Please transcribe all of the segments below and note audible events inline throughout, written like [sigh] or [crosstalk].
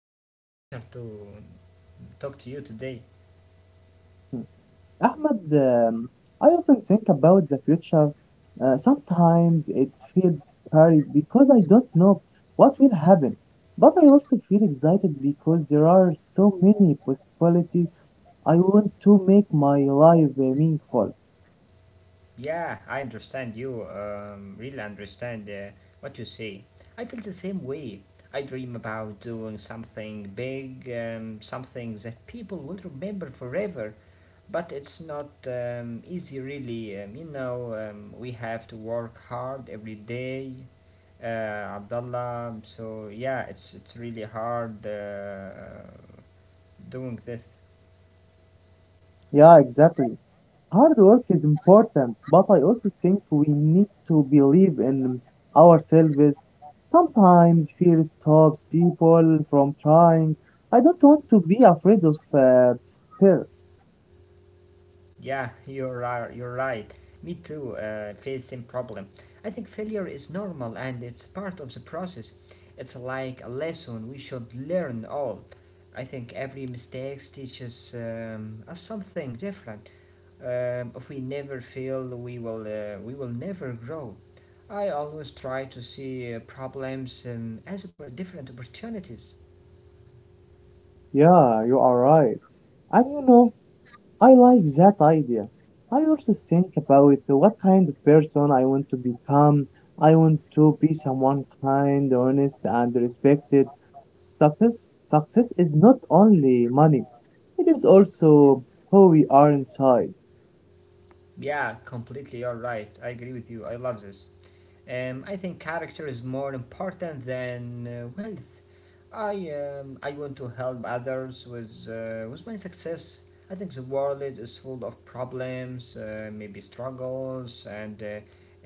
you. It's my pleasure to talk to you today. Ahmad, I often think about the future. Sometimes it feels scary because I don't know what will happen. But I also feel excited because there are so many possibilities. I want to make my life meaningful. Yeah, I understand you, really understand what you say. I feel the same way. I dream about doing something big, something that people will remember forever. But it's not easy, really. We have to work hard every day. Uh, Abdullah, so yeah, it's really hard doing this. Yeah, exactly. Hard work is important, but I also think we need to believe in ourselves. Sometimes fear stops people from trying. I don't want to be afraid of fear. Yeah, you're right. You're right. Me too. Face same problem. I think failure is normal and it's part of the process. It's like a lesson we should learn all. I think every mistake teaches us something different. If we never fail, we will never grow. I always try to see problems as different opportunities. Yeah, you are right. And you know, I like that idea. I also think about what kind of person I want to become. I want to be someone kind, honest, and respected. Success Success is not only money, it is also who we are inside. Yeah, completely. You're right. I agree with you. I love this. I think character is more important than wealth. I want to help others with my success. I think the world is full of problems, maybe struggles and uh,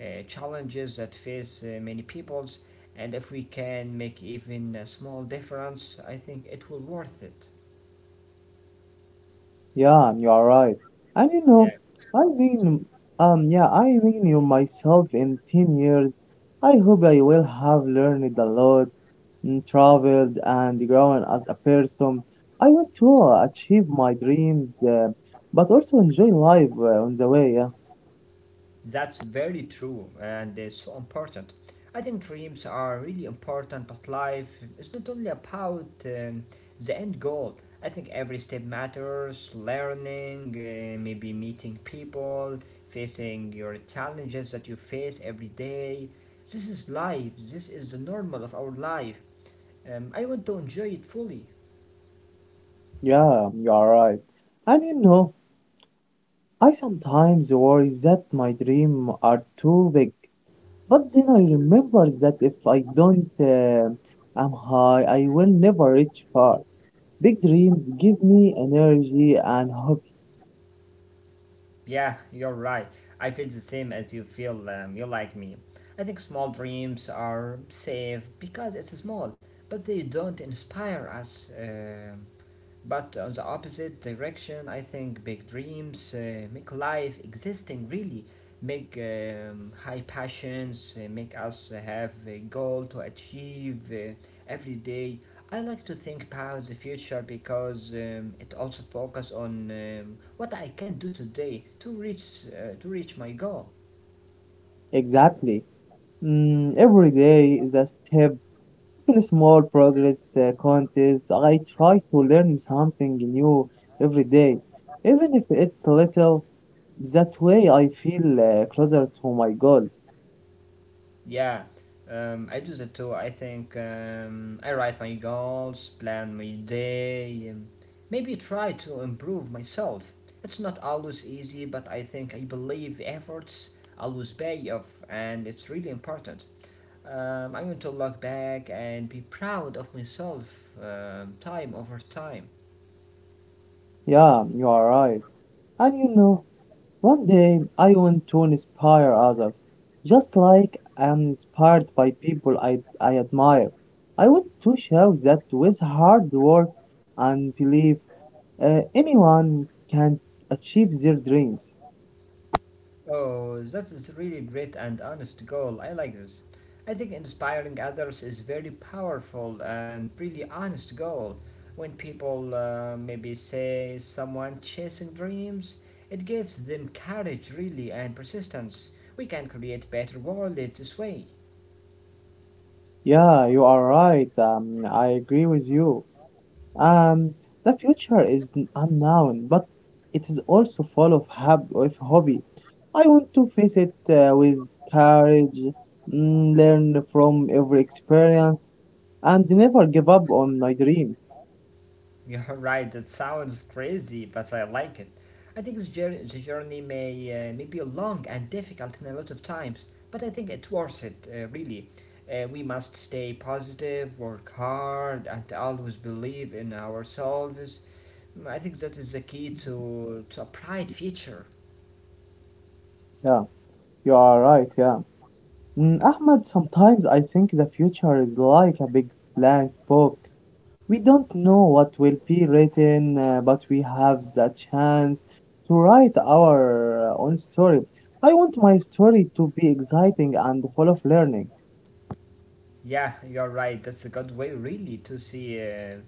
uh, challenges that face many peoples. And if we can make even a small difference, I think it will worth it. Yeah, you are right. And you Yeah. know, I mean yeah, I mean you myself in 10 years. I hope I will have learned a lot, mm, traveled and grown as a person. I want to achieve my dreams but also enjoy life on the way, yeah. That's very true and it's so important. I think dreams are really important, but life is not only about the end goal. I think every step matters learning, maybe meeting people, facing your challenges that you face every day. This is life, this is the normal of our life. I want to enjoy it fully. Yeah, you are right. And you know, I sometimes worry that my dreams are too big, but then I remember that if I don't am high, I will never reach far. Big dreams give me energy and hope. Yeah, you're right. I feel the same as you feel you like me. I think small dreams are safe because it's small, but they don't inspire us. But on the opposite direction, I think big dreams make life existing really, make high passions, make us have a goal to achieve every day. I like to think about the future because it also focuses on what I can do today to reach my goal. Exactly. Mm, every day is a step. Even small progress contest. I try to learn something new every day, even if it's little. That way, I feel closer to my goals. Yeah, I do that too. I write my goals, plan my day, maybe try to improve myself. It's not always easy, but I think I believe efforts always pay off, and it's really important. I want to look back and be proud of myself time over time. Yeah, you are right. And you know, one day I want to inspire others, just like I am inspired by people I admire. I want to show that with hard work and belief, anyone can achieve their dreams. Oh, that is really great and honest goal. I like this. I think inspiring others is very powerful and really honest goal. When people maybe say someone chasing dreams, it gives them courage really and persistence. We can create better world this way. Yeah, you are right. I agree with you. Um, the future is unknown, but it is also full of, of hobby. I want to face it with courage, mm, learn from every experience, and never give up on my dream. [laughs] You're right, it sounds crazy, but I like it. I think this journey, the journey may be long and difficult in a lot of times, but I think it's worth it, really. We must stay positive, work hard, and always believe in ourselves. Mm, I think that is the key to a bright future. Yeah, you are right. Yeah. Mm, Ahmed, sometimes I think the future is like a big blank book. We don't know what will be written, but we have the chance to write our own story. I want my story to be exciting and full of learning. Yeah, you're right. That's a good way, really, to see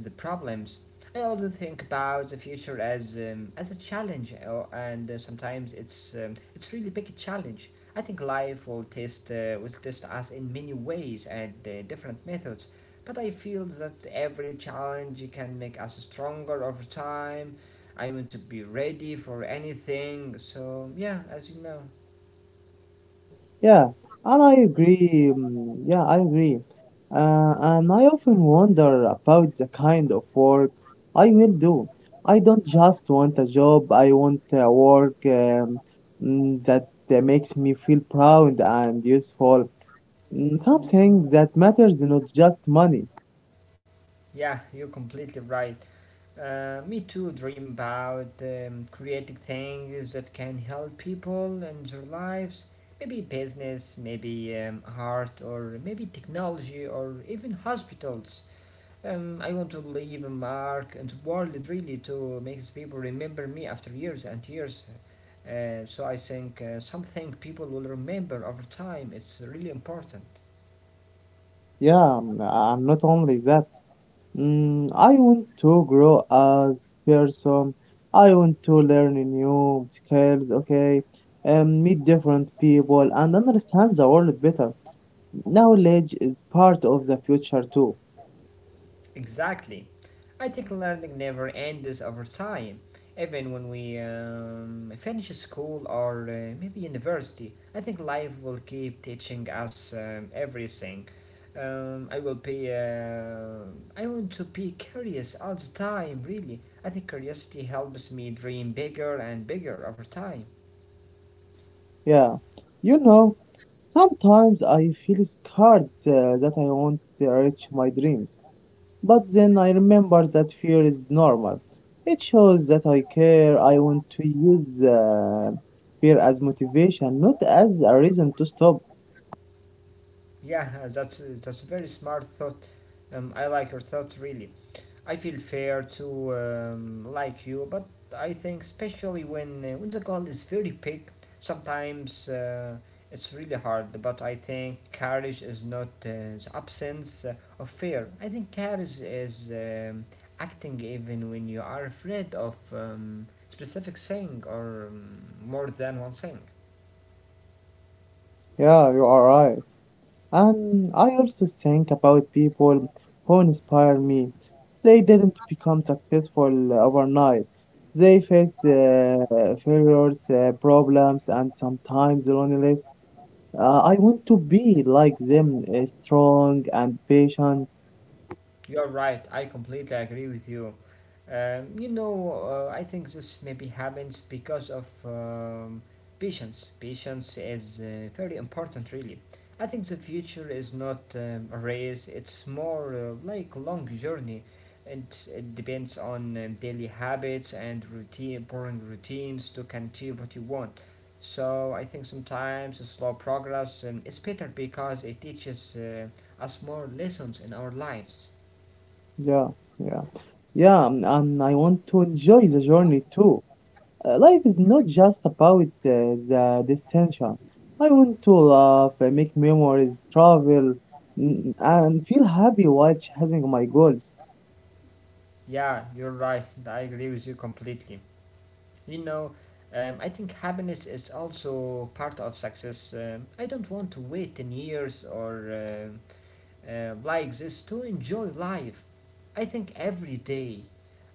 the problems. I also think about the future as a challenge, and sometimes it's really big challenge. I think life will test us in many ways and different methods, but I feel that every challenge can make us stronger over time. I want to be ready for anything. So yeah, as you know, Yeah, and I agree. Yeah, I agree. And I often wonder about the kind of work I will do. I don't just want a job, I want a work that makes me feel proud and useful. Mm, Something that matters, not just money. yeah, you're completely right. Me too dream about creating things that can help people and their lives. Maybe business, maybe art, or maybe technology, or even hospitals. I want to leave a mark in the world really to make people remember me after years and years. So I think something people will remember over time. It's really important. Yeah, mm, and not only that. Mm, I want to grow as person. I want to learn new skills, okay? Meet different people and understand the world better. Knowledge is part of the future too. Exactly. I think learning never ends over time. Even when we finish school or maybe university, I think life will keep teaching us everything. I will be. I want to be curious all the time. Really, I think curiosity helps me dream bigger and bigger over time. Yeah. You know, sometimes I feel scared that I won't reach my dreams. But then I remember that fear is normal. It shows that I care. I want to use fear as motivation, not as a reason to stop. Yeah, that's a very smart thought. I like your thoughts really. I feel fair to like you, but I think especially when the goal is very big, sometimes it's really hard. But I think courage is not the absence of fear. I think courage is acting even when you are afraid of specific thing or more than one thing. Yeah, you are right. And I also think about people who inspire me. They didn't become successful overnight. They faced failures, problems, and sometimes loneliness. I want to be like them, strong and patient. You're right. I completely agree with you. I think this maybe happens because of patience. Patience is very important, really. I think the future is not a race. It's more like long journey, and it depends on daily habits and routine, boring routines to can achieve what you want. So I think sometimes a slow progress is better because it teaches us more lessons in our lives. Yeah, yeah, yeah, and I want to enjoy the journey too. Life is not just about the destination. I want to laugh, make memories, travel, mm, and feel happy while chasing my goals. Yeah, you're right. I agree with you completely. You know, I think happiness is also part of success. I don't want to wait 10 years or like this to enjoy life. I think every day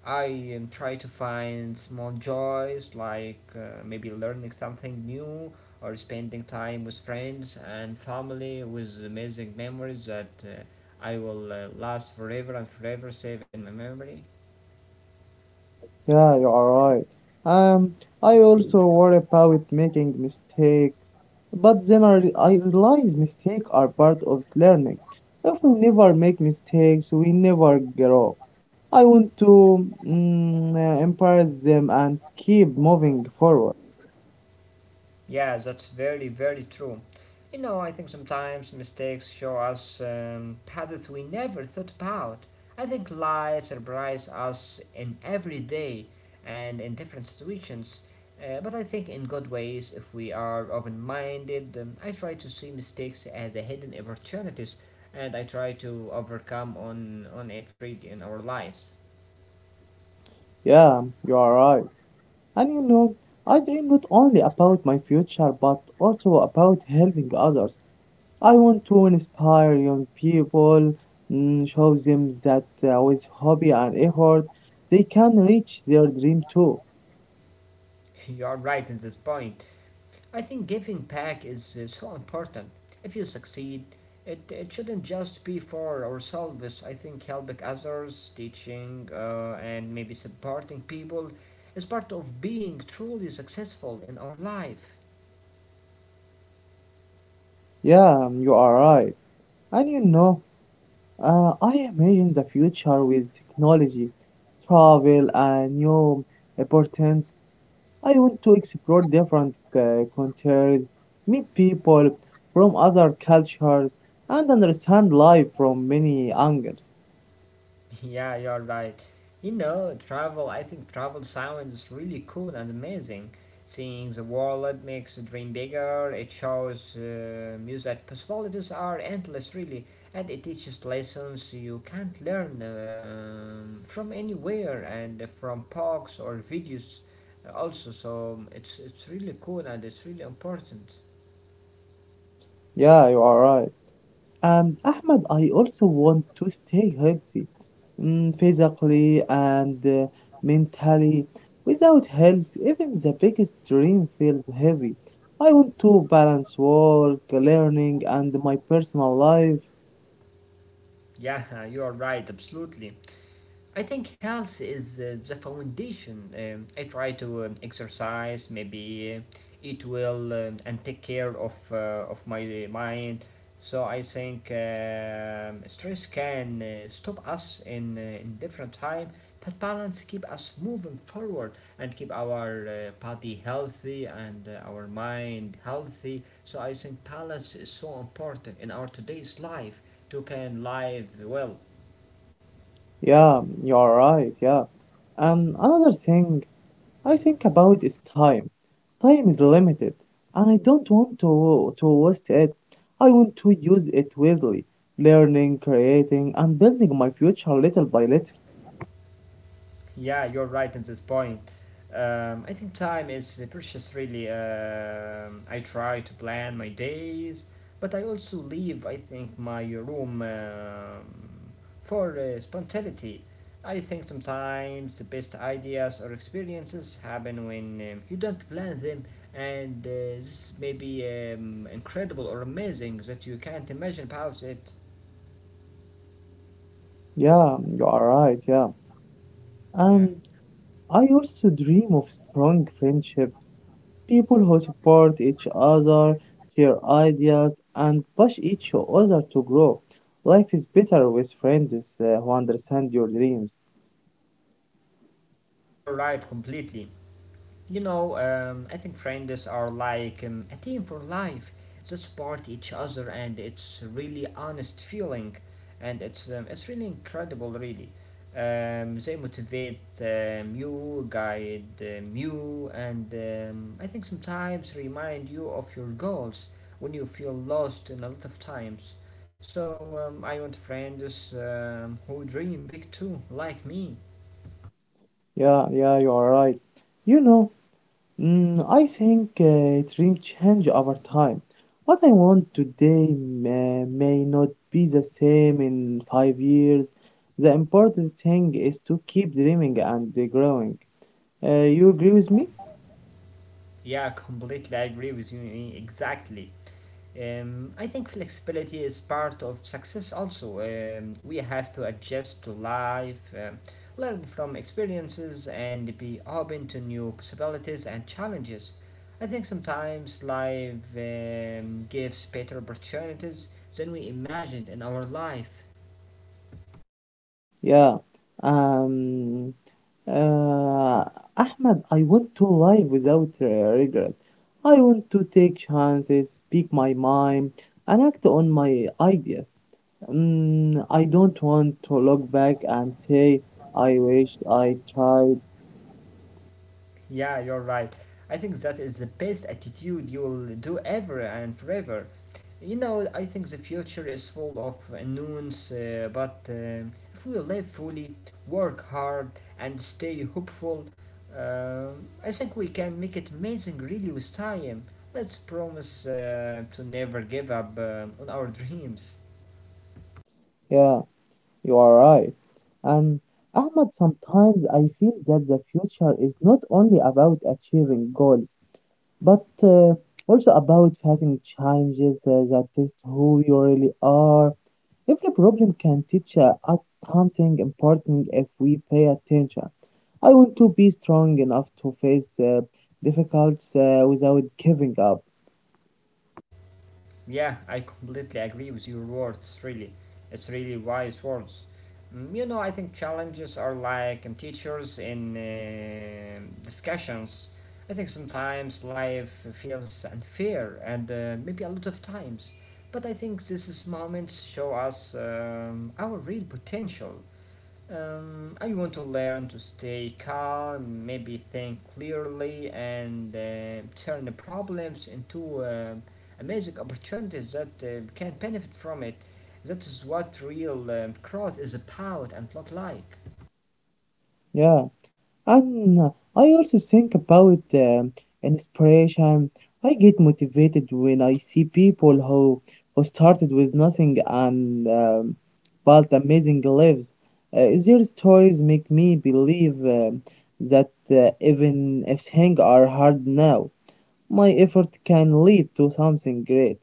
I try to find small joys like maybe learning something new or spending time with friends and family with amazing memories that I will last forever and forever save in my memory. Yeah, you are right. Um, I also worry about making mistakes, but then I realize mistakes are part of learning. If we never make mistakes, we never grow. I want to empower them and keep moving forward. Yeah, that's very, very true. You know, I think sometimes mistakes show us paths we never thought about. I think life surprises us in every day and in different situations, but I think in good ways if we are open minded. I try to see mistakes as a hidden opportunities and I try to overcome on it really in our lives. Yeah, you are right. And you know, I dream not only about my future but also about helping others. I want to inspire young people, mm, show them that with hobby and effort, they can reach their dream too. [laughs] You are right in this point. I think giving back is so important. If you succeed, it shouldn't just be for ourselves. I think helping others, teaching, and maybe supporting people is part of being truly successful in our life. Yeah, you are right. And you know, I imagine the future with technology, travel, and new opportunities. I want to explore different countries, meet people from other cultures, and understand life from many angles. [laughs] Yeah, you're right. You know, travel, I think travel sounds really cool and amazing. Seeing the world makes the dream bigger, it shows you that possibilities are endless, really, and it teaches lessons you can't learn from anywhere and from books or videos, also. So it's really cool and it's really important. Yeah, you are right. Ahmad, I also want to stay healthy, mm, physically and mentally. Without health, even the biggest dream feels heavy. I want to balance work, learning, and my personal life. Yeah, [laughs] you're right, absolutely. I think health is the foundation. I try to exercise, maybe eat well, and take care of my mind. So I think stress can stop us in in different time, but balance keep us moving forward and keep our body healthy and our mind healthy. So I think balance is so important in our today's life to can live well. Yeah, you're right. Yeah. And another thing, I think about is time. Time is limited, and I don't want to waste it. I want to use it wisely, learning, creating, and building my future little by little. Yeah, you're right at this point. I think time is the precious, really. I try to plan my days, but I also leave, I think, my room for spontaneity. I think sometimes the best ideas or experiences happen when you don't plan them, and this may be incredible or amazing that you can't imagine about it. Yeah, you are right. Yeah, Yeah, and I also dream of strong friendships, people who support each other, share ideas, and push each other to grow. Life is better with friends who understand your dreams. you're right completely. I think friends are like a team for life. They support each other, and it's really honest feeling, and it's really incredible, really. They motivate you, guide you, and I think sometimes remind you of your goals when you feel lost in a lot of times. So I want friends who dream big too, like me. Yeah, you are right. You know, Mm, I think dreams change over time. What I want today may not be the same in 5 years. The important thing is to keep dreaming and growing. You agree with me? Yeah, completely I agree with you exactly. I think flexibility is part of success also. We have to adjust to life, learn from experiences, and be open to new possibilities and challenges. I think sometimes life gives better opportunities than we imagined in our life. Yeah. Um, uh, Ahmed, I want to live without regret. I want to take chances, speak my mind, and act on my ideas. Mm, I don't want to look back and say, I wish I tried. Yeah, you're right. I think that is the best attitude you'll do ever and forever. You know, I think the future is full of unknowns, but if we live fully, work hard, and stay hopeful, uh, I think we can make it amazing really with time. Let's promise to never give up on our dreams. Yeah, you are right. And Ahmad, sometimes I feel that the future is not only about achieving goals, but also about facing challenges that test who you really are. Every problem can teach us something important if we pay attention. I want to be strong enough to face difficulties without giving up. Yeah, I completely agree with your words, really. It's really wise words. Mm, you know, I think challenges are like teachers in discussions. I think sometimes life feels unfair and maybe a lot of times. But I think these moments show us our real potential. I want to learn to stay calm, maybe think clearly, and turn the problems into amazing opportunities that can benefit from it. That is what real growth is about and not like. Yeah, and I also think about inspiration. I get motivated when I see people who started with nothing and built amazing lives. Their stories make me believe that even if things are hard now, my effort can lead to something great.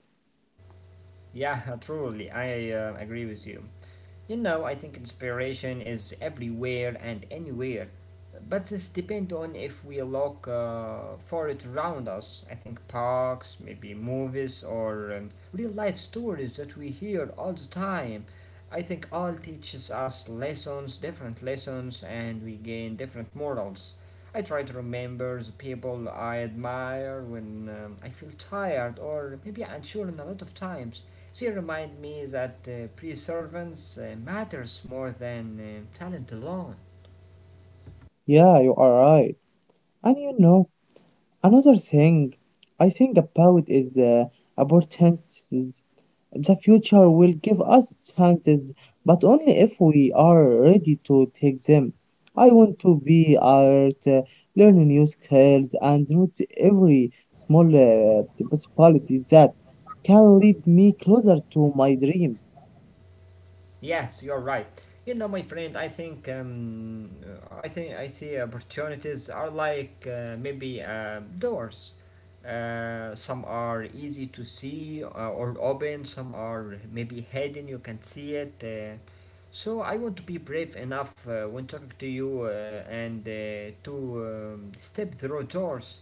Yeah, [laughs] truly, I agree with you. You know, I think inspiration is everywhere and anywhere, but this depends on if we look for it around us. I think parks, maybe movies, or real life stories that we hear all the time. I think all teaches us lessons, different lessons, and we gain different morals. I try to remember the people I admire when I feel tired or maybe unsure in a lot of times. She reminded me that preservance matters more than talent alone. Yeah, you are right. And you know, another thing I think about is opportunities. The future will give us chances, but only if we are ready to take them. I want to be art, learn new skills, and notice every small possibility that can lead me closer to my dreams. Yes, you're right. You know, my friend, I think I see opportunities are like maybe doors. Some are easy to see or open. Some are maybe hidden. You can see it. So I want to be brave enough when talking to you and to step through doors,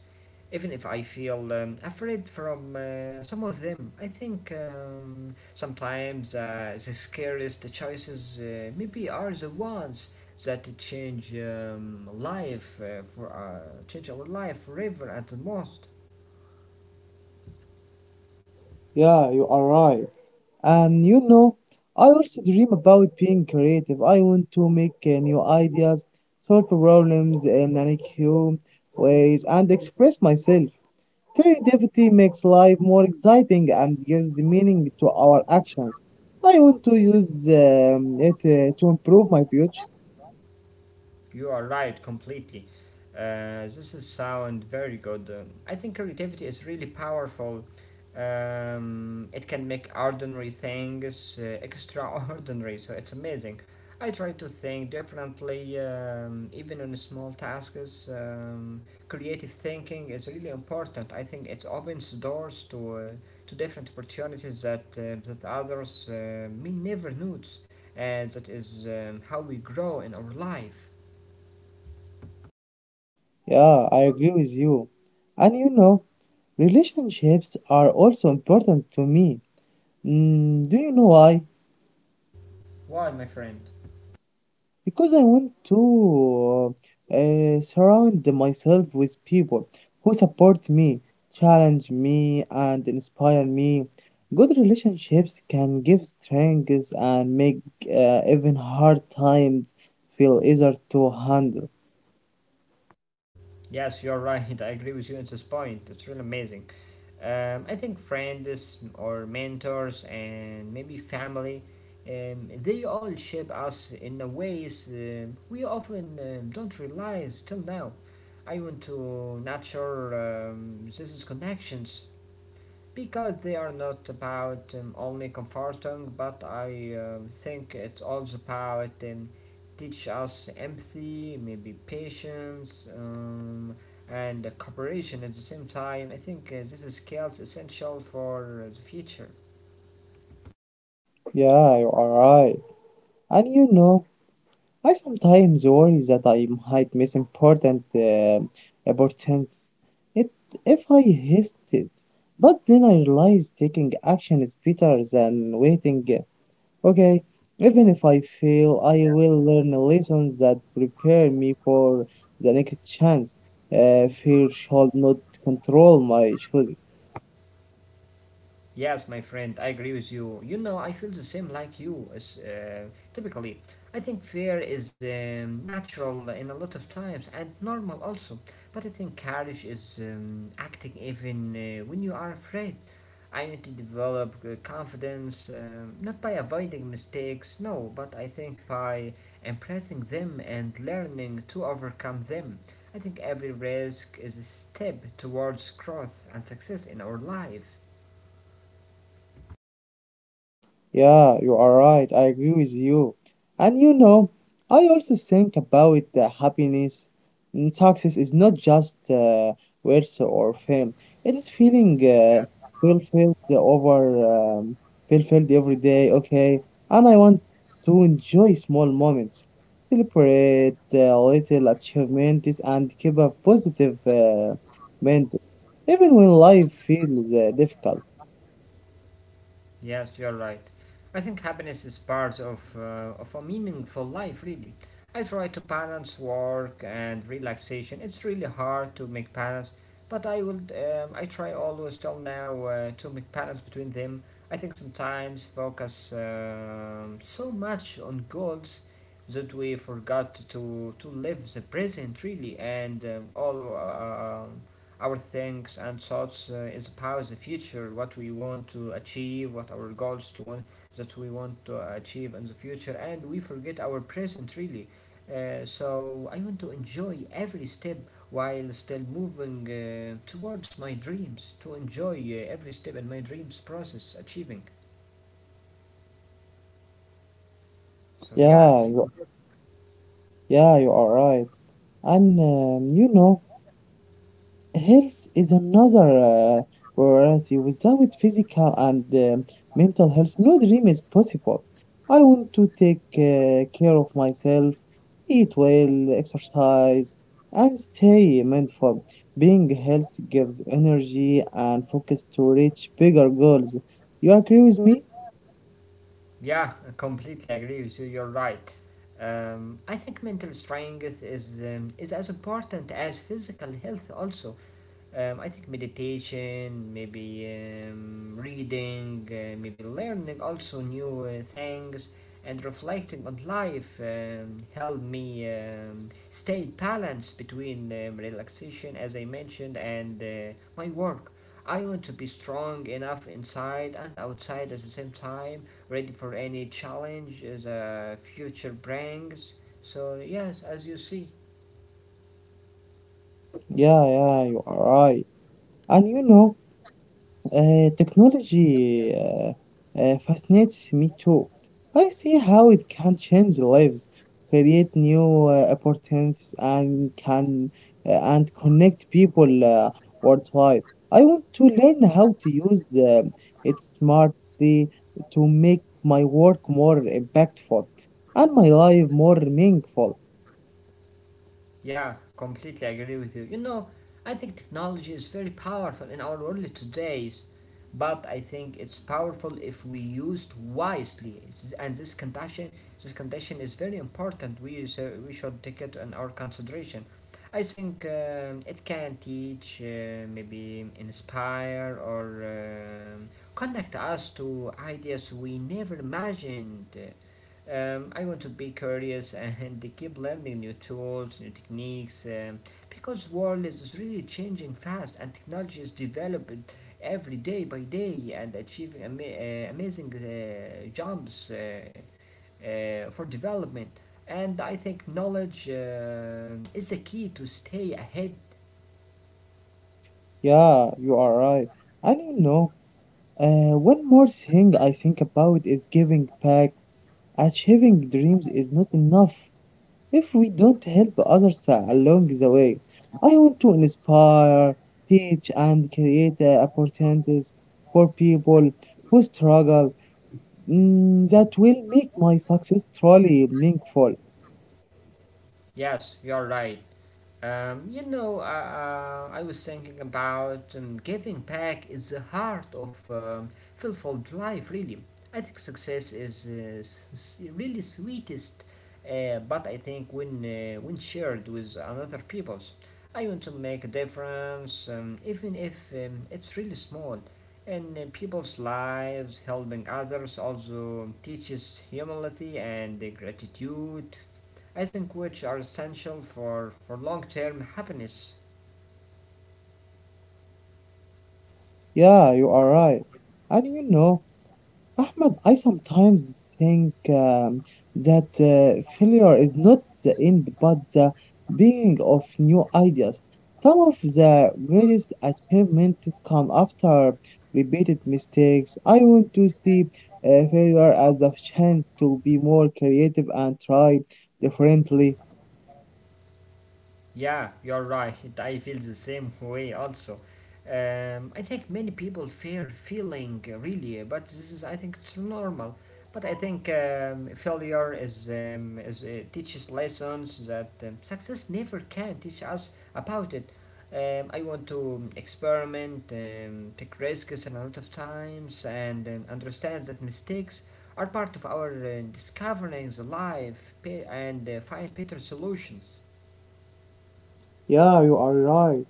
even if I feel afraid from some of them. I think sometimes the scariest choices maybe are the ones that change our life forever at the most. Yeah, you are right. And you know, I also dream about being creative. I want to make new ideas, solve problems in unique ways, and express myself. Creativity makes life more exciting and gives meaning to our actions. I want to use it to improve my future. You are right, completely. This is sound very good. I think creativity is really powerful. It can make ordinary things extraordinary, so it's amazing. I try to think differently, even in small tasks. Creative thinking is really important. I think it opens doors to different opportunities that others may never notice, and that is how we grow in our life. Yeah, I agree with you. And you know, relationships are also important to me. Mm, do you know why? Why, my friend? Because I want to surround myself with people who support me, challenge me, and inspire me. Good relationships can give strength and make even hard times feel easier to handle. Yes, you're [laughs] right. I agree with you at this point. It's really amazing. I think friends or mentors and maybe family, they all shape us in a ways we often don't realize till now. I want to nurture these connections because they are not about only comforting, but I think it's also about teach us empathy, maybe patience, and cooperation at the same time. I think this is skills essential for the future. Yeah, you are right. And you know, I sometimes worry that I might miss important opportunities it, if I hesitate. But then I realize taking action is better than waiting. Okay, even if I fail, I will learn lessons that prepare me for the next chance. Fear should not control my choices. Yes, my friend, I agree with you. You know, I feel the same like you. Typically, I think fear is natural in a lot of times and normal also. But I think courage is acting even when you are afraid. I need to develop confidence, not by avoiding mistakes, no, but I think by embracing them and learning to overcome them. I think every risk is a step towards growth and success in our life. Yeah, you are right. I agree with you. And you know, I also think about the happiness. Mm, Success is not just wealth or fame. It is feeling fulfilled over um, fulfilled every day. Okay, and I want to enjoy small moments, celebrate little achievements, and keep a positive mindset, even when life feels difficult. Yes, you're right. I think happiness is part of a meaningful life, really. I try to balance work and relaxation. It's really hard to make balance, but I will. I try always till now to make balance between them. I think sometimes focus so much on goals that we forgot to live the present, really, and all our things and thoughts is about the future, what we want to achieve, what our goals to want that we want to achieve in the future, and we forget our present really. So I want to enjoy every step while still moving towards my dreams, to enjoy every step in my dreams process achieving. So yeah, Yeah, it's really you, good. yeah, you are right. And you know, health is another uh, priority. Without physical and mental health, no dream is possible. I want to take care of myself, eat well, exercise, and stay mindful. Being healthy gives energy and focus to reach bigger goals. You agree with me? Yeah, I completely agree with you. You're right. I think mental strength is as important as physical health also. I think meditation, maybe reading, maybe learning also new things, and reflecting on life help me stay balanced between relaxation, as I mentioned, and my work. I want to be strong enough inside and outside at the same time, ready for any challenge the future brings. So, yes, as you see. Yeah, yeah, you are right. And you know, Uh, technology Yeah. uh, uh, fascinates me too. I see how it can change lives, create new opportunities, and connect people worldwide. I want to learn how to use it smartly to make my work more impactful and my life more meaningful. Yeah, completely agree with you. You know, I think technology is very powerful in our world today, but I think it's powerful if we used wisely. It's- And this condition is very important. We should take it in our consideration. I think it can teach, maybe inspire, or connect us to ideas we never imagined. I want to be curious and keep learning new tools, new techniques, because the world is really changing fast and technology is developing every day by day and achieving amazing jumps for development. And I think knowledge is the key to stay ahead. Yeah, you are right. And you know, one more thing I think about is giving back. Achieving dreams is not enough if we don't help others along the way. I want to inspire, teach, and create opportunities for people who struggle, mm, that will make my success truly meaningful. Yes, you're right. I was thinking about giving back is the heart of fulfilled life, really. I think success is really sweetest, but I think when shared with another people's, I want to make a difference, even if it's really small. In people's lives, helping others also teaches humility and gratitude I think which are essential for long term happiness. Yeah, you are right. And you know, Ahmed, I sometimes think that failure is not the end but the beginning of new ideas. Some of the greatest achievements come after repeated mistakes. I want to see failure as a chance to be more creative and try differently. Yeah, you're right. [laughs] I feel the same way also. I think many people fear feeling really, but this is I think it's normal. But I think failure is teaches lessons that success never can teach us about it. I want to experiment, take risks and a lot of times, and understand that mistakes are part of our discovering the life and find better solutions. Yeah, you are right.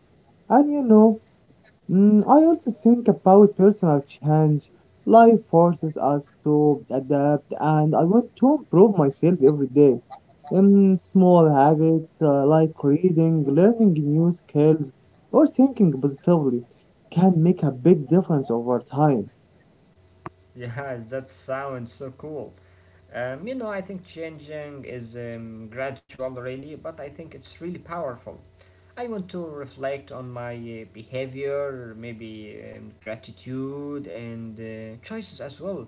And you know, Mm, I also think about personal change. Life forces us to adapt, and I want to improve myself every day. In small habits, like reading, learning new skills, or thinking positively can make a big difference over time. Yeah, that sounds so cool. You know, I think changing is gradual, really, but I think it's really powerful. I want to reflect on my behavior, maybe gratitude and choices as well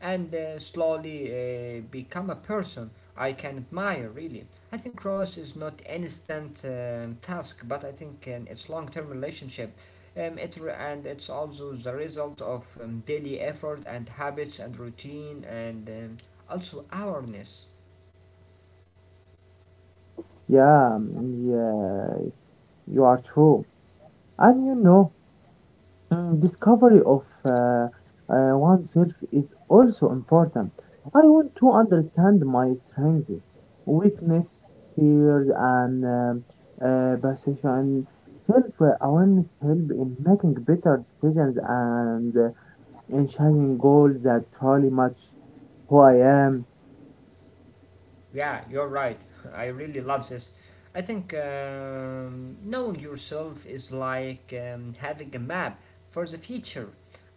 and slowly become a person I can admire really. I think growth is not an instant task, but I think it's long-term relationship. And it's also the result of daily effort and habits and routine and also awareness. Yeah, yeah, you are true. And you know, discovery of oneself is also important. I want to understand my strengths, weakness, fears, and passion. Self-awareness help in making better decisions and in achieving goals that truly match who I am. Yeah, you're right. [laughs] I really love this. I think knowing yourself is like having a map for the future.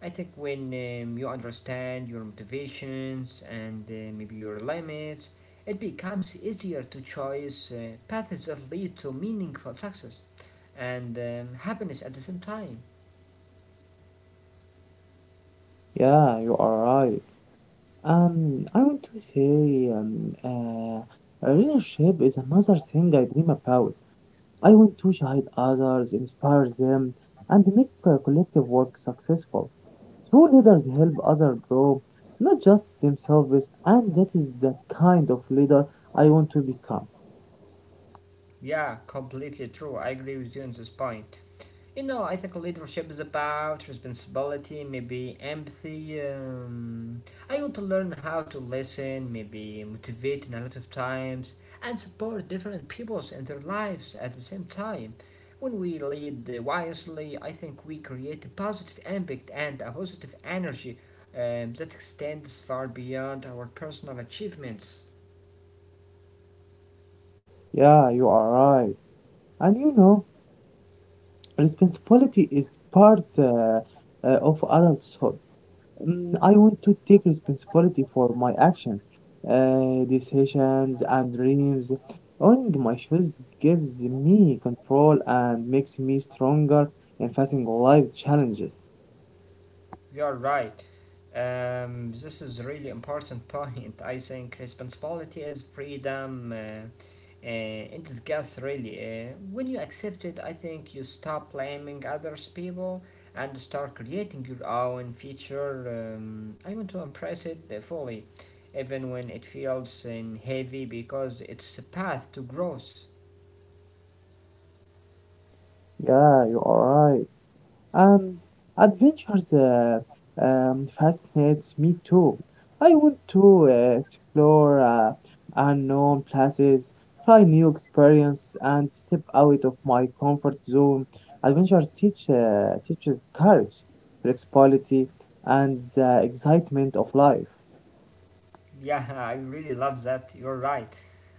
I think when you understand your motivations and maybe your limits, it becomes easier to choose paths that lead to meaningful success and happiness at the same time. Yeah, you are right. I want to say relationship is another thing I dream about. I want to guide others, inspire them, and make collective work successful. True leaders help others grow, not just themselves, and that is the kind of leader I want to become. Yeah, completely true. I agree with you on this point. You know, I think leadership is about responsibility, maybe empathy. I want to learn how to listen, maybe motivate in a lot of times, and support different peoples in their lives at the same time. When we lead wisely, I think we create a positive impact and a positive energy that extends far beyond our personal achievements. Yeah, you are right. And you know, responsibility is part of adulthood. I want to take responsibility for my actions, decisions, and dreams. Owning my shoes gives me control and makes me stronger in facing life challenges. You're right. This is really important [laughs] point. I think responsibility is freedom in disguise, really. When you accept it, I think you stop blaming others people and start creating your own future. I want to embrace it fully, even when it feels heavy, because it's a path to growth. Yeah, you are right. Um, adventures fascinates me too. I want to explore unknown places, try new experience, and step out of my comfort zone. Teaches courage, flexibility, and the excitement of life. Yeah, [laughs] I really love that. You're right.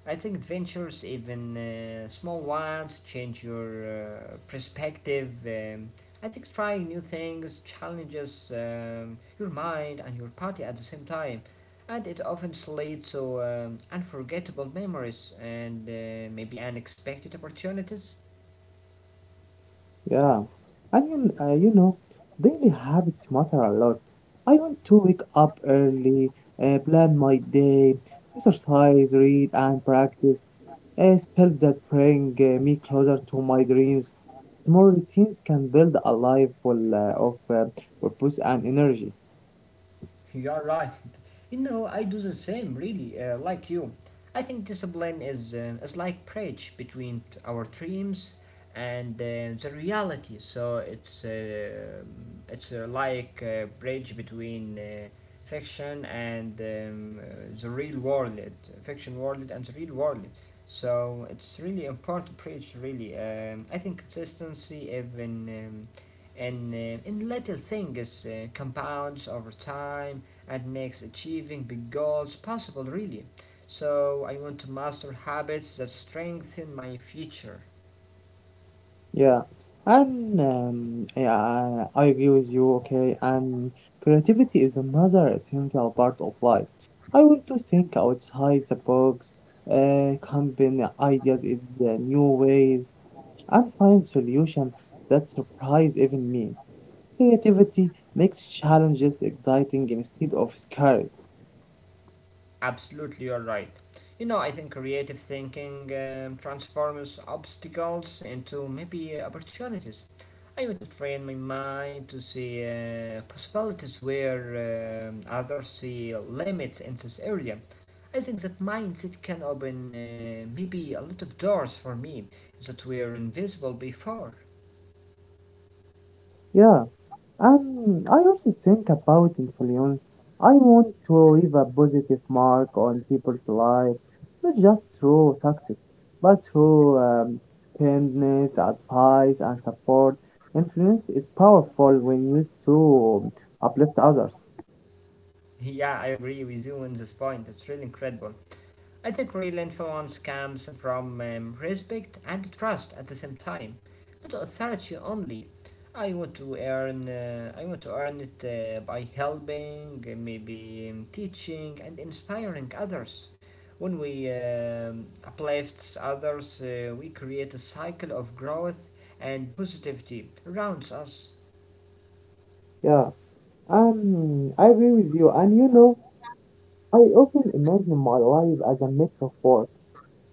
I think adventures, even small ones, change your perspective. I think trying new things challenges your mind and your body at the same time. And it often leads to unforgettable memories and maybe unexpected opportunities. Yeah, and you know, daily habits matter a lot. I want to wake up early, plan my day, exercise, read, and practice spells that bring me closer to my dreams. Small routines can build a life full of purpose and energy. You're right. You know, I do the same, really, like you. I think discipline is like bridge between our dreams and the reality. So it's like a bridge between fiction and the real world, fiction world and the real world. So it's really important bridge. Really, I think consistency even. And In little things compounds over time and makes achieving big goals possible, really. So, I want to master habits that strengthen my future. Yeah, and yeah, I agree with you. Okay, and creativity is another essential part of life. I want to think outside the box, combine ideas in new ways, and find solutions that surprise even me. Creativity makes challenges exciting instead of scary. Absolutely, you're right. You know, I think creative thinking transforms obstacles into maybe opportunities. I want to train my mind to see possibilities where others see limits in this area. I think that mindset can open maybe a lot of doors for me that were invisible before. Yeah. I also think about influence. I want to leave a positive mark on people's lives, not just through success, but through kindness, advice, and support. Influence is powerful when used to uplift others. Yeah, I agree with you on this point. It's really incredible. I think real influence comes from respect and trust at the same time, not authority only. I want to earn it by helping, maybe teaching and inspiring others. When we uplift others, we create a cycle of growth and positivity around us. Yeah, I agree with you. And you know, I often imagine my life as a mix of both: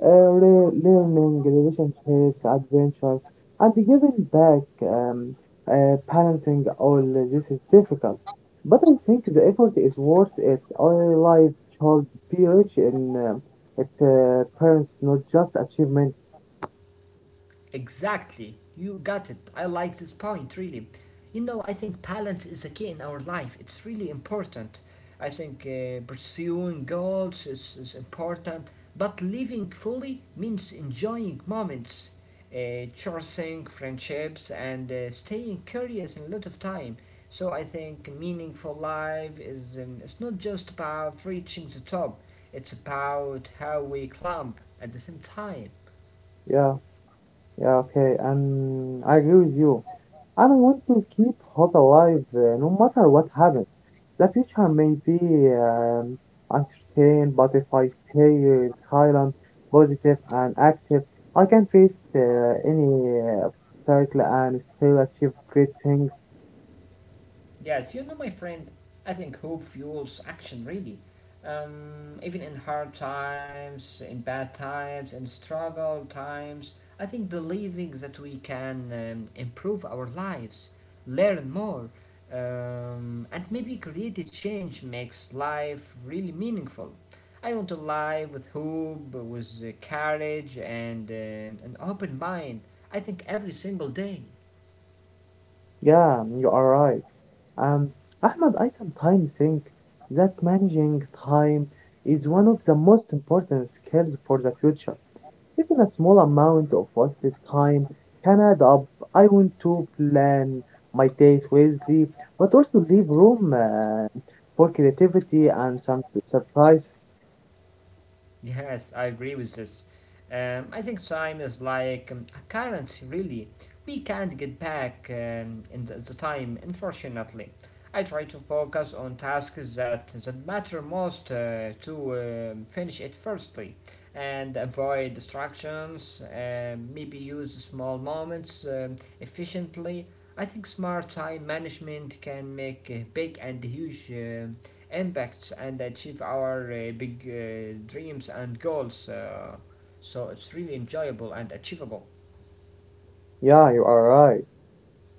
learning, relationships, adventures, and giving back. Balancing all this is difficult, but I think the effort is worth it. Our life should be rich in its parents, not just achievements. Exactly. You got it. I like this point, really. You know, I think balance is a key in our life. It's really important. I think pursuing goals is important, but living fully means enjoying moments, cherishing friendships, and staying curious in a lot of time. So I think meaningful life is it's not just about reaching the top. It's about how we climb at the same time. Yeah, yeah, okay, and I agree with you. And I want to keep hope alive no matter what happens. The future may be um, uncertain, but if I stay silent, positive, and active, I can face any obstacle and still achieve great things. Yes, you know, my friend, I think hope fuels action really. Even in hard times, in bad times, in struggle times, I think believing that we can improve our lives, learn more, and maybe create a change makes life really meaningful. I want to live with hope, with courage, and an open mind, I think every single day. Yeah, you are right. Um, Ahmed, I sometimes think that managing time is one of the most important skills for the future. Even a small amount of wasted time can add up. I want to plan my days wisely, but also leave room for creativity and some surprises. Yes, I agree with this. I think time is like a currency, really. We can't get back in the time, unfortunately. I try to focus on tasks that matter most to finish it firstly and avoid distractions, maybe use small moments efficiently. I think smart time management can make big and huge impacts and achieve our big dreams and goals. So it's really enjoyable and achievable. Yeah, you are right.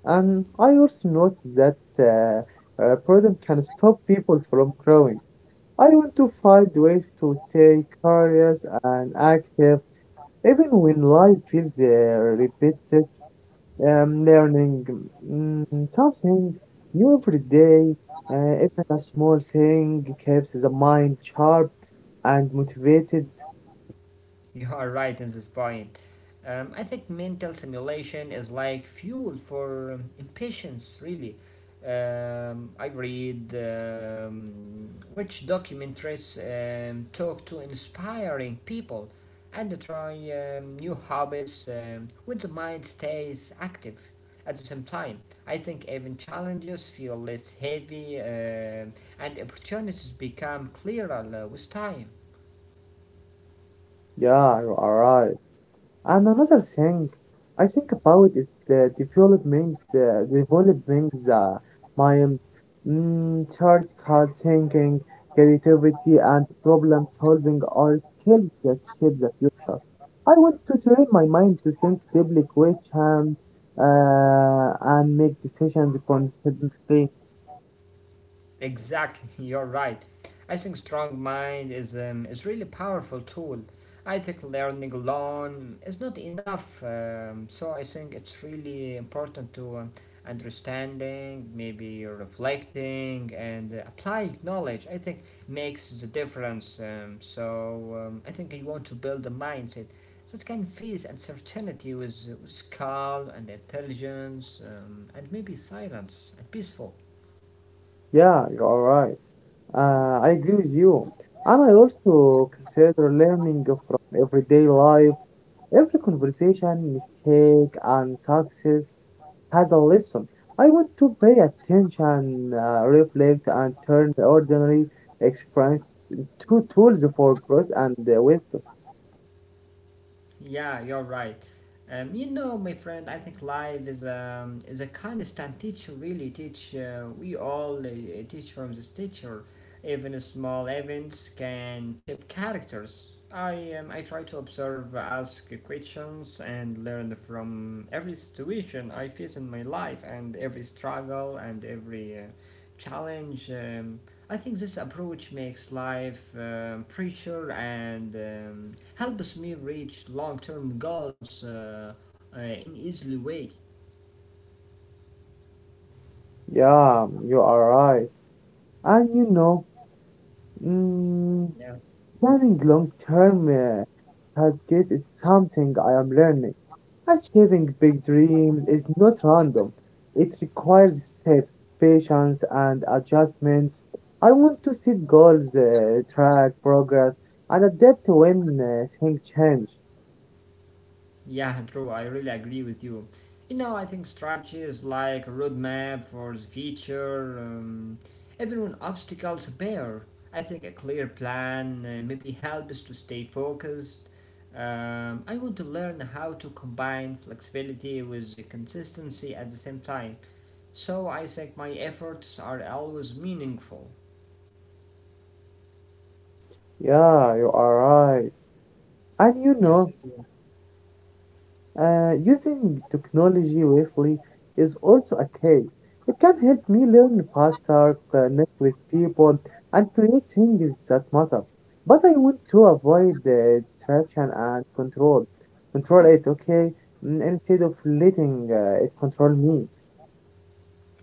And I also noticed that boredom can stop people from growing. I want to find ways to stay curious and active, even when life feels repetitive. Learning something new every day, even a small thing, keeps the mind sharp and motivated. You are right in this point. I think mental simulation is like fuel for impatience, really. I read which documentaries talk to inspiring people and try new hobbies when the mind stays active. At the same time, I think even challenges feel less heavy and opportunities become clearer with time. Yeah, you are right. And another thing I think about is the development the mind. Critical thinking, creativity, and problem solving are skills that shape the future. I want to train my mind to think deeply, question, and make decisions confidently. Exactly, [laughs] you're right. I think strong mind is really powerful tool. I think learning alone is not enough. So I think it's really important to understanding, maybe reflecting, and applying knowledge. I think makes the difference. So I think you want to build a mindset that can face uncertainty with calm and intelligence, and maybe silence and peaceful. Yeah, you are right. I agree with you. And I also consider learning from everyday life. Every conversation, mistake, and success has a lesson. I want to pay attention, reflect, and turn the ordinary experience into tools for growth and wisdom. Yeah, you're right. You know, my friend, I think life is a constant teacher. Really, teach we all teach from this teacher. Even small events can shape characters. I try to observe, ask questions, and learn from every situation I face in my life, and every struggle and every challenge. I think this approach makes life richer and helps me reach long-term goals in easily way. Yeah, you are right. And you know, mm, Yes. planning long term targets is something I am learning. Achieving big dreams is not random. It requires steps, patience, and adjustments. I want to set goals, track progress, and adapt when things change. Yeah, true. I really agree with you. You know, I think strategies like roadmap for the future, even when obstacles appear, I think a clear plan maybe helps to stay focused. I want to learn how to combine flexibility with the consistency at the same time, so I think my efforts are always meaningful. Yeah, you are right. And you Yes. know, using technology wisely is also a key. It can help me learn faster, connect with people, and create things that matter. But I want to avoid distraction and control. Control it, okay? Instead of letting it control me.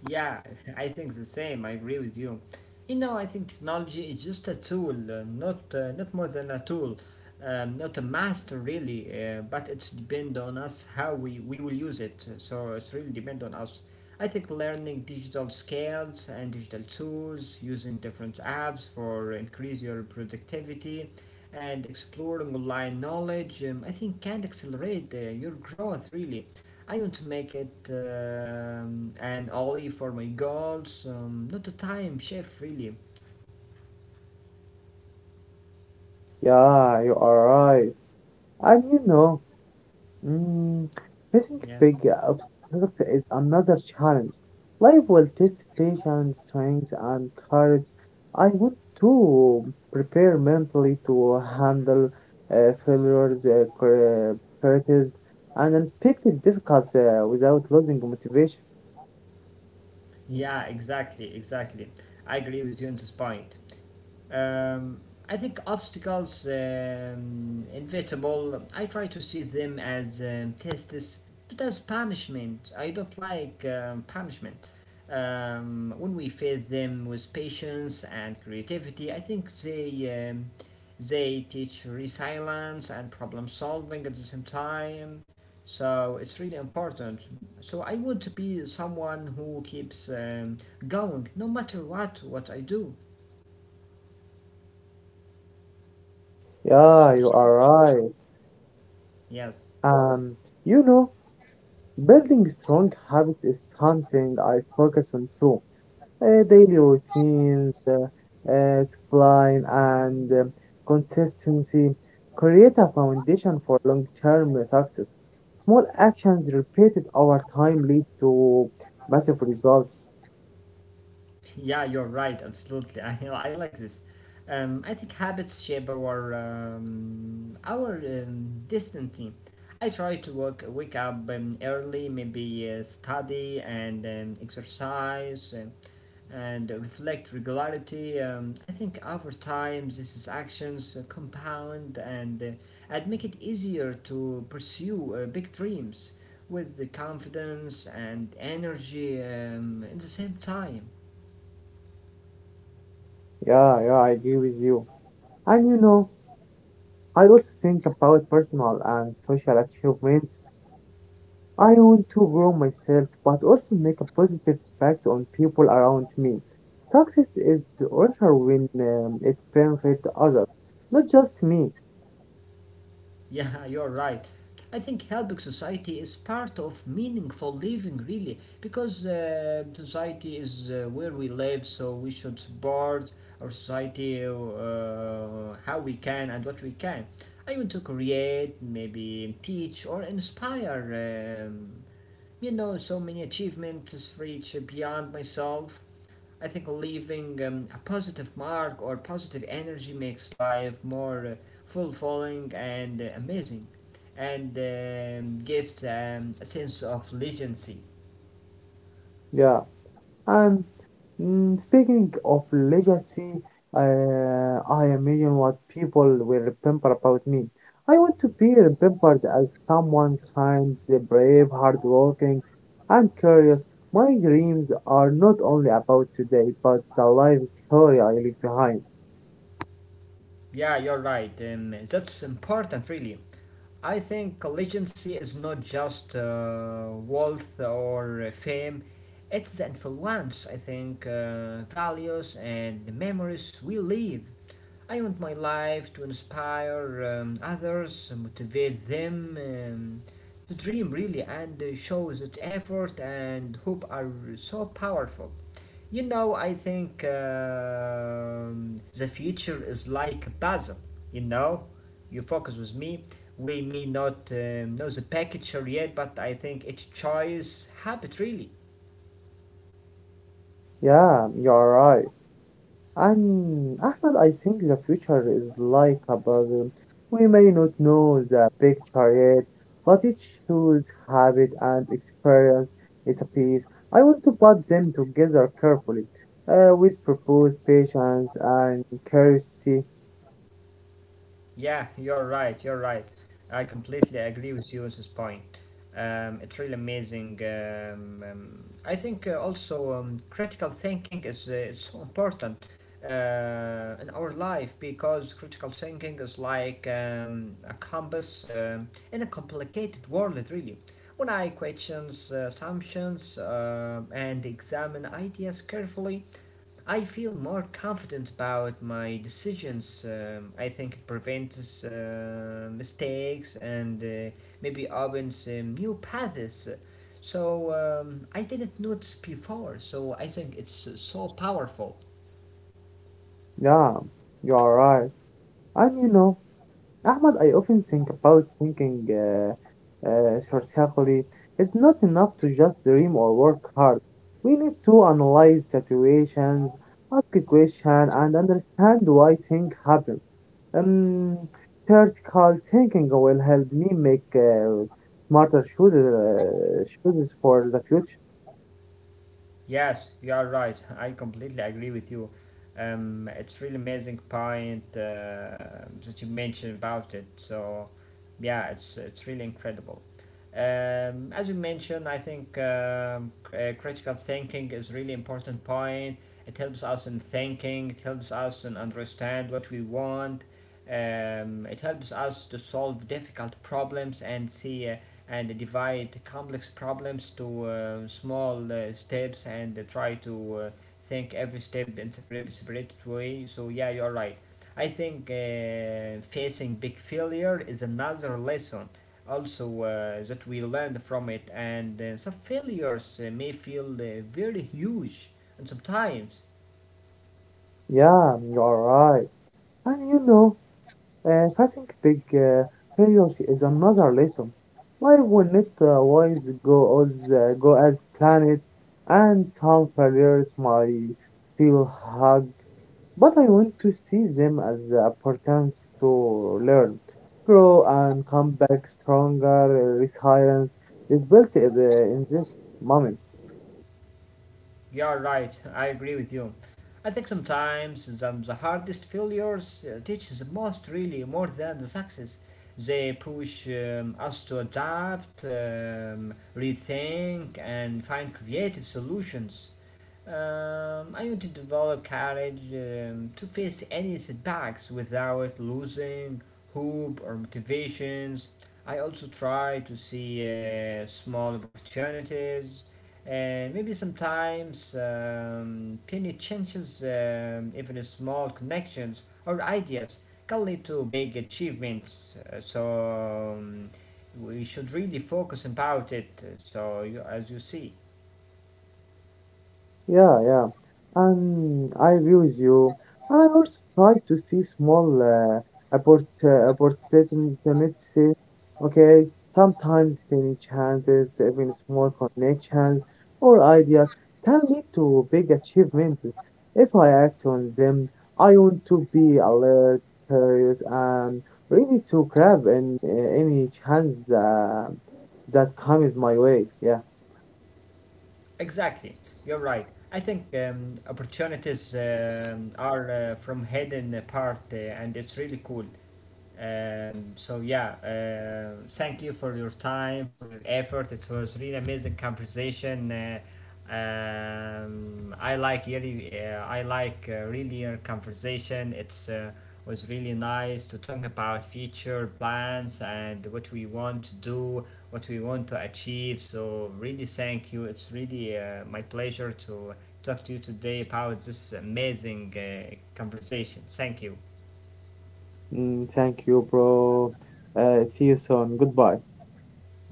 Yeah, [laughs] I think the same. I agree with you. You know, I think technology is just a tool, not more than a tool, not a master really. But it's depend on us how we will use it. So it's really depend on us. I think learning digital skills and digital tools, using different apps for increase your productivity, and exploring online knowledge, I think can accelerate your growth really. I want to make it an ollie for my goals, not a time chef, really. Yeah, you are right. And you know, Mm, facing Yes. big obstacles is another challenge. Life will test patience, strength, and courage. I want to prepare mentally to handle failures, criticism, and unexpected difficulties without losing motivation. Yeah, exactly, exactly. I agree with you on this point. Um, I think obstacles, inevitable, I try to see them as tests, not as punishment. I don't like punishment. When we face them with patience and creativity, I think they teach resilience and problem solving at the same time. So it's really important. So I want to be someone who keeps going no matter what I do. Yeah, So you it's really are right. Yes. Um, you know, building strong habits is something I focus on too. Daily routines, discipline, and consistency create a foundation for long-term success. Small actions repeated over time lead to massive results. [laughs] Yeah, you're right. Absolutely. [laughs] I like this. I think habits shape our destiny. I try to work, wake up early, maybe study and exercise and reflect regularity. I think over time, these is actions compound and make it easier to pursue big dreams with the confidence and energy at the same time. Yeah, yeah, I agree with you. And you know, I also think about personal and social achievements. I want to grow myself but also make a positive impact on people around me. Success is richer when it benefits others, not just me. Yeah, [laughs] you're right. I think helping society is part of meaningful living, really, because society is where we live, so we should support our society how we can and what we can. I want to create, maybe teach, or inspire. You know, so many achievements reach beyond myself. I think leaving a positive mark or positive energy makes life more fulfilling and amazing and gives a sense of legacy. Yeah. And speaking of legacy, I imagine what people will remember about me. I want to be remembered as someone kind, brave, hardworking, and curious. My dreams are not only about today, but the life story I leave behind. Yeah, you're right. That's important, really. I think legacy is not just wealth or fame, it's the influence, I think, values and memories we leave. I want my life to inspire others, motivate them to dream really, and show that effort and hope are so powerful. You know, I think the future is like a puzzle. You know, you focus with me. We may not know the picture yet, but I think each choice habit really. Yeah, you're right. And Ahmed, I think the future is like a puzzle. We may not know the picture yet, but each shoes, habit, and experience is a piece. I want to put them together carefully, with purpose, patience, and curiosity. Yeah, you're right. You're right. I completely agree with you on this point. It's really amazing. I think also critical thinking is so important in our life because critical thinking is like a compass in a complicated world, really. When I questions assumptions and examine ideas carefully, I feel more confident about my decisions. I think it prevents mistakes and maybe opens new paths. So I didn't notice before. So I think it's so powerful. Yeah, you're right. And you know, Ahmad, I often think about thinking strategically. It's not enough to just dream or work hard. We need to analyze situations, ask questions, and understand why things happen. Um, Theoretical thinking will help me make smarter choices for the future. Yes, you are right. [laughs] I completely agree with you. It's really amazing point that you mentioned about it. So, yeah, it's really incredible. As you mentioned, I think critical thinking is really important point. It helps us in thinking. It helps us in understand what we want. It helps us to solve difficult problems and see and divide complex problems to small steps and try to think every step in separate way. So yeah, you're right. I think facing big failure is another lesson also that we learned from it and some failures may feel very huge and sometimes Yeah, you're right. And you know, facing big failures is another lesson. Life will not always go as planned, and some failures might feel hard, but I want to see them as opportunities to learn, grow, and come back stronger. Resilience is built in this moment. You're right, I agree with you. I think sometimes the hardest failures teaches most really more than the success. They push us to adapt, rethink, and find creative solutions. I want to develop courage to face any setbacks without losing hope or motivations. I also try to see small opportunities and maybe sometimes tiny changes, even small connections or ideas, can lead to big achievements. So we should really focus about it. So you, as you see, Yeah, yeah. And I agree with you. And I also try to see small opportunities. Okay, sometimes tiny chances, even small connections or ideas can lead to big achievements. If I act on them, I want to be alert, curious, and ready to grab in, any chance that comes my way. Yeah. exactly, you're right. I think opportunities are from hidden part, and it's really cool. So yeah, thank you for your time, for your effort. It was really amazing conversation. I like really your conversation. It's was really nice to talk about future plans and what we want to do, what we want to achieve. So really, thank you. It's really my pleasure to talk to you today about this amazing conversation. Thank you. Thank you, bro. See you soon. Goodbye.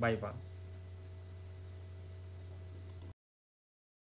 Bye bye.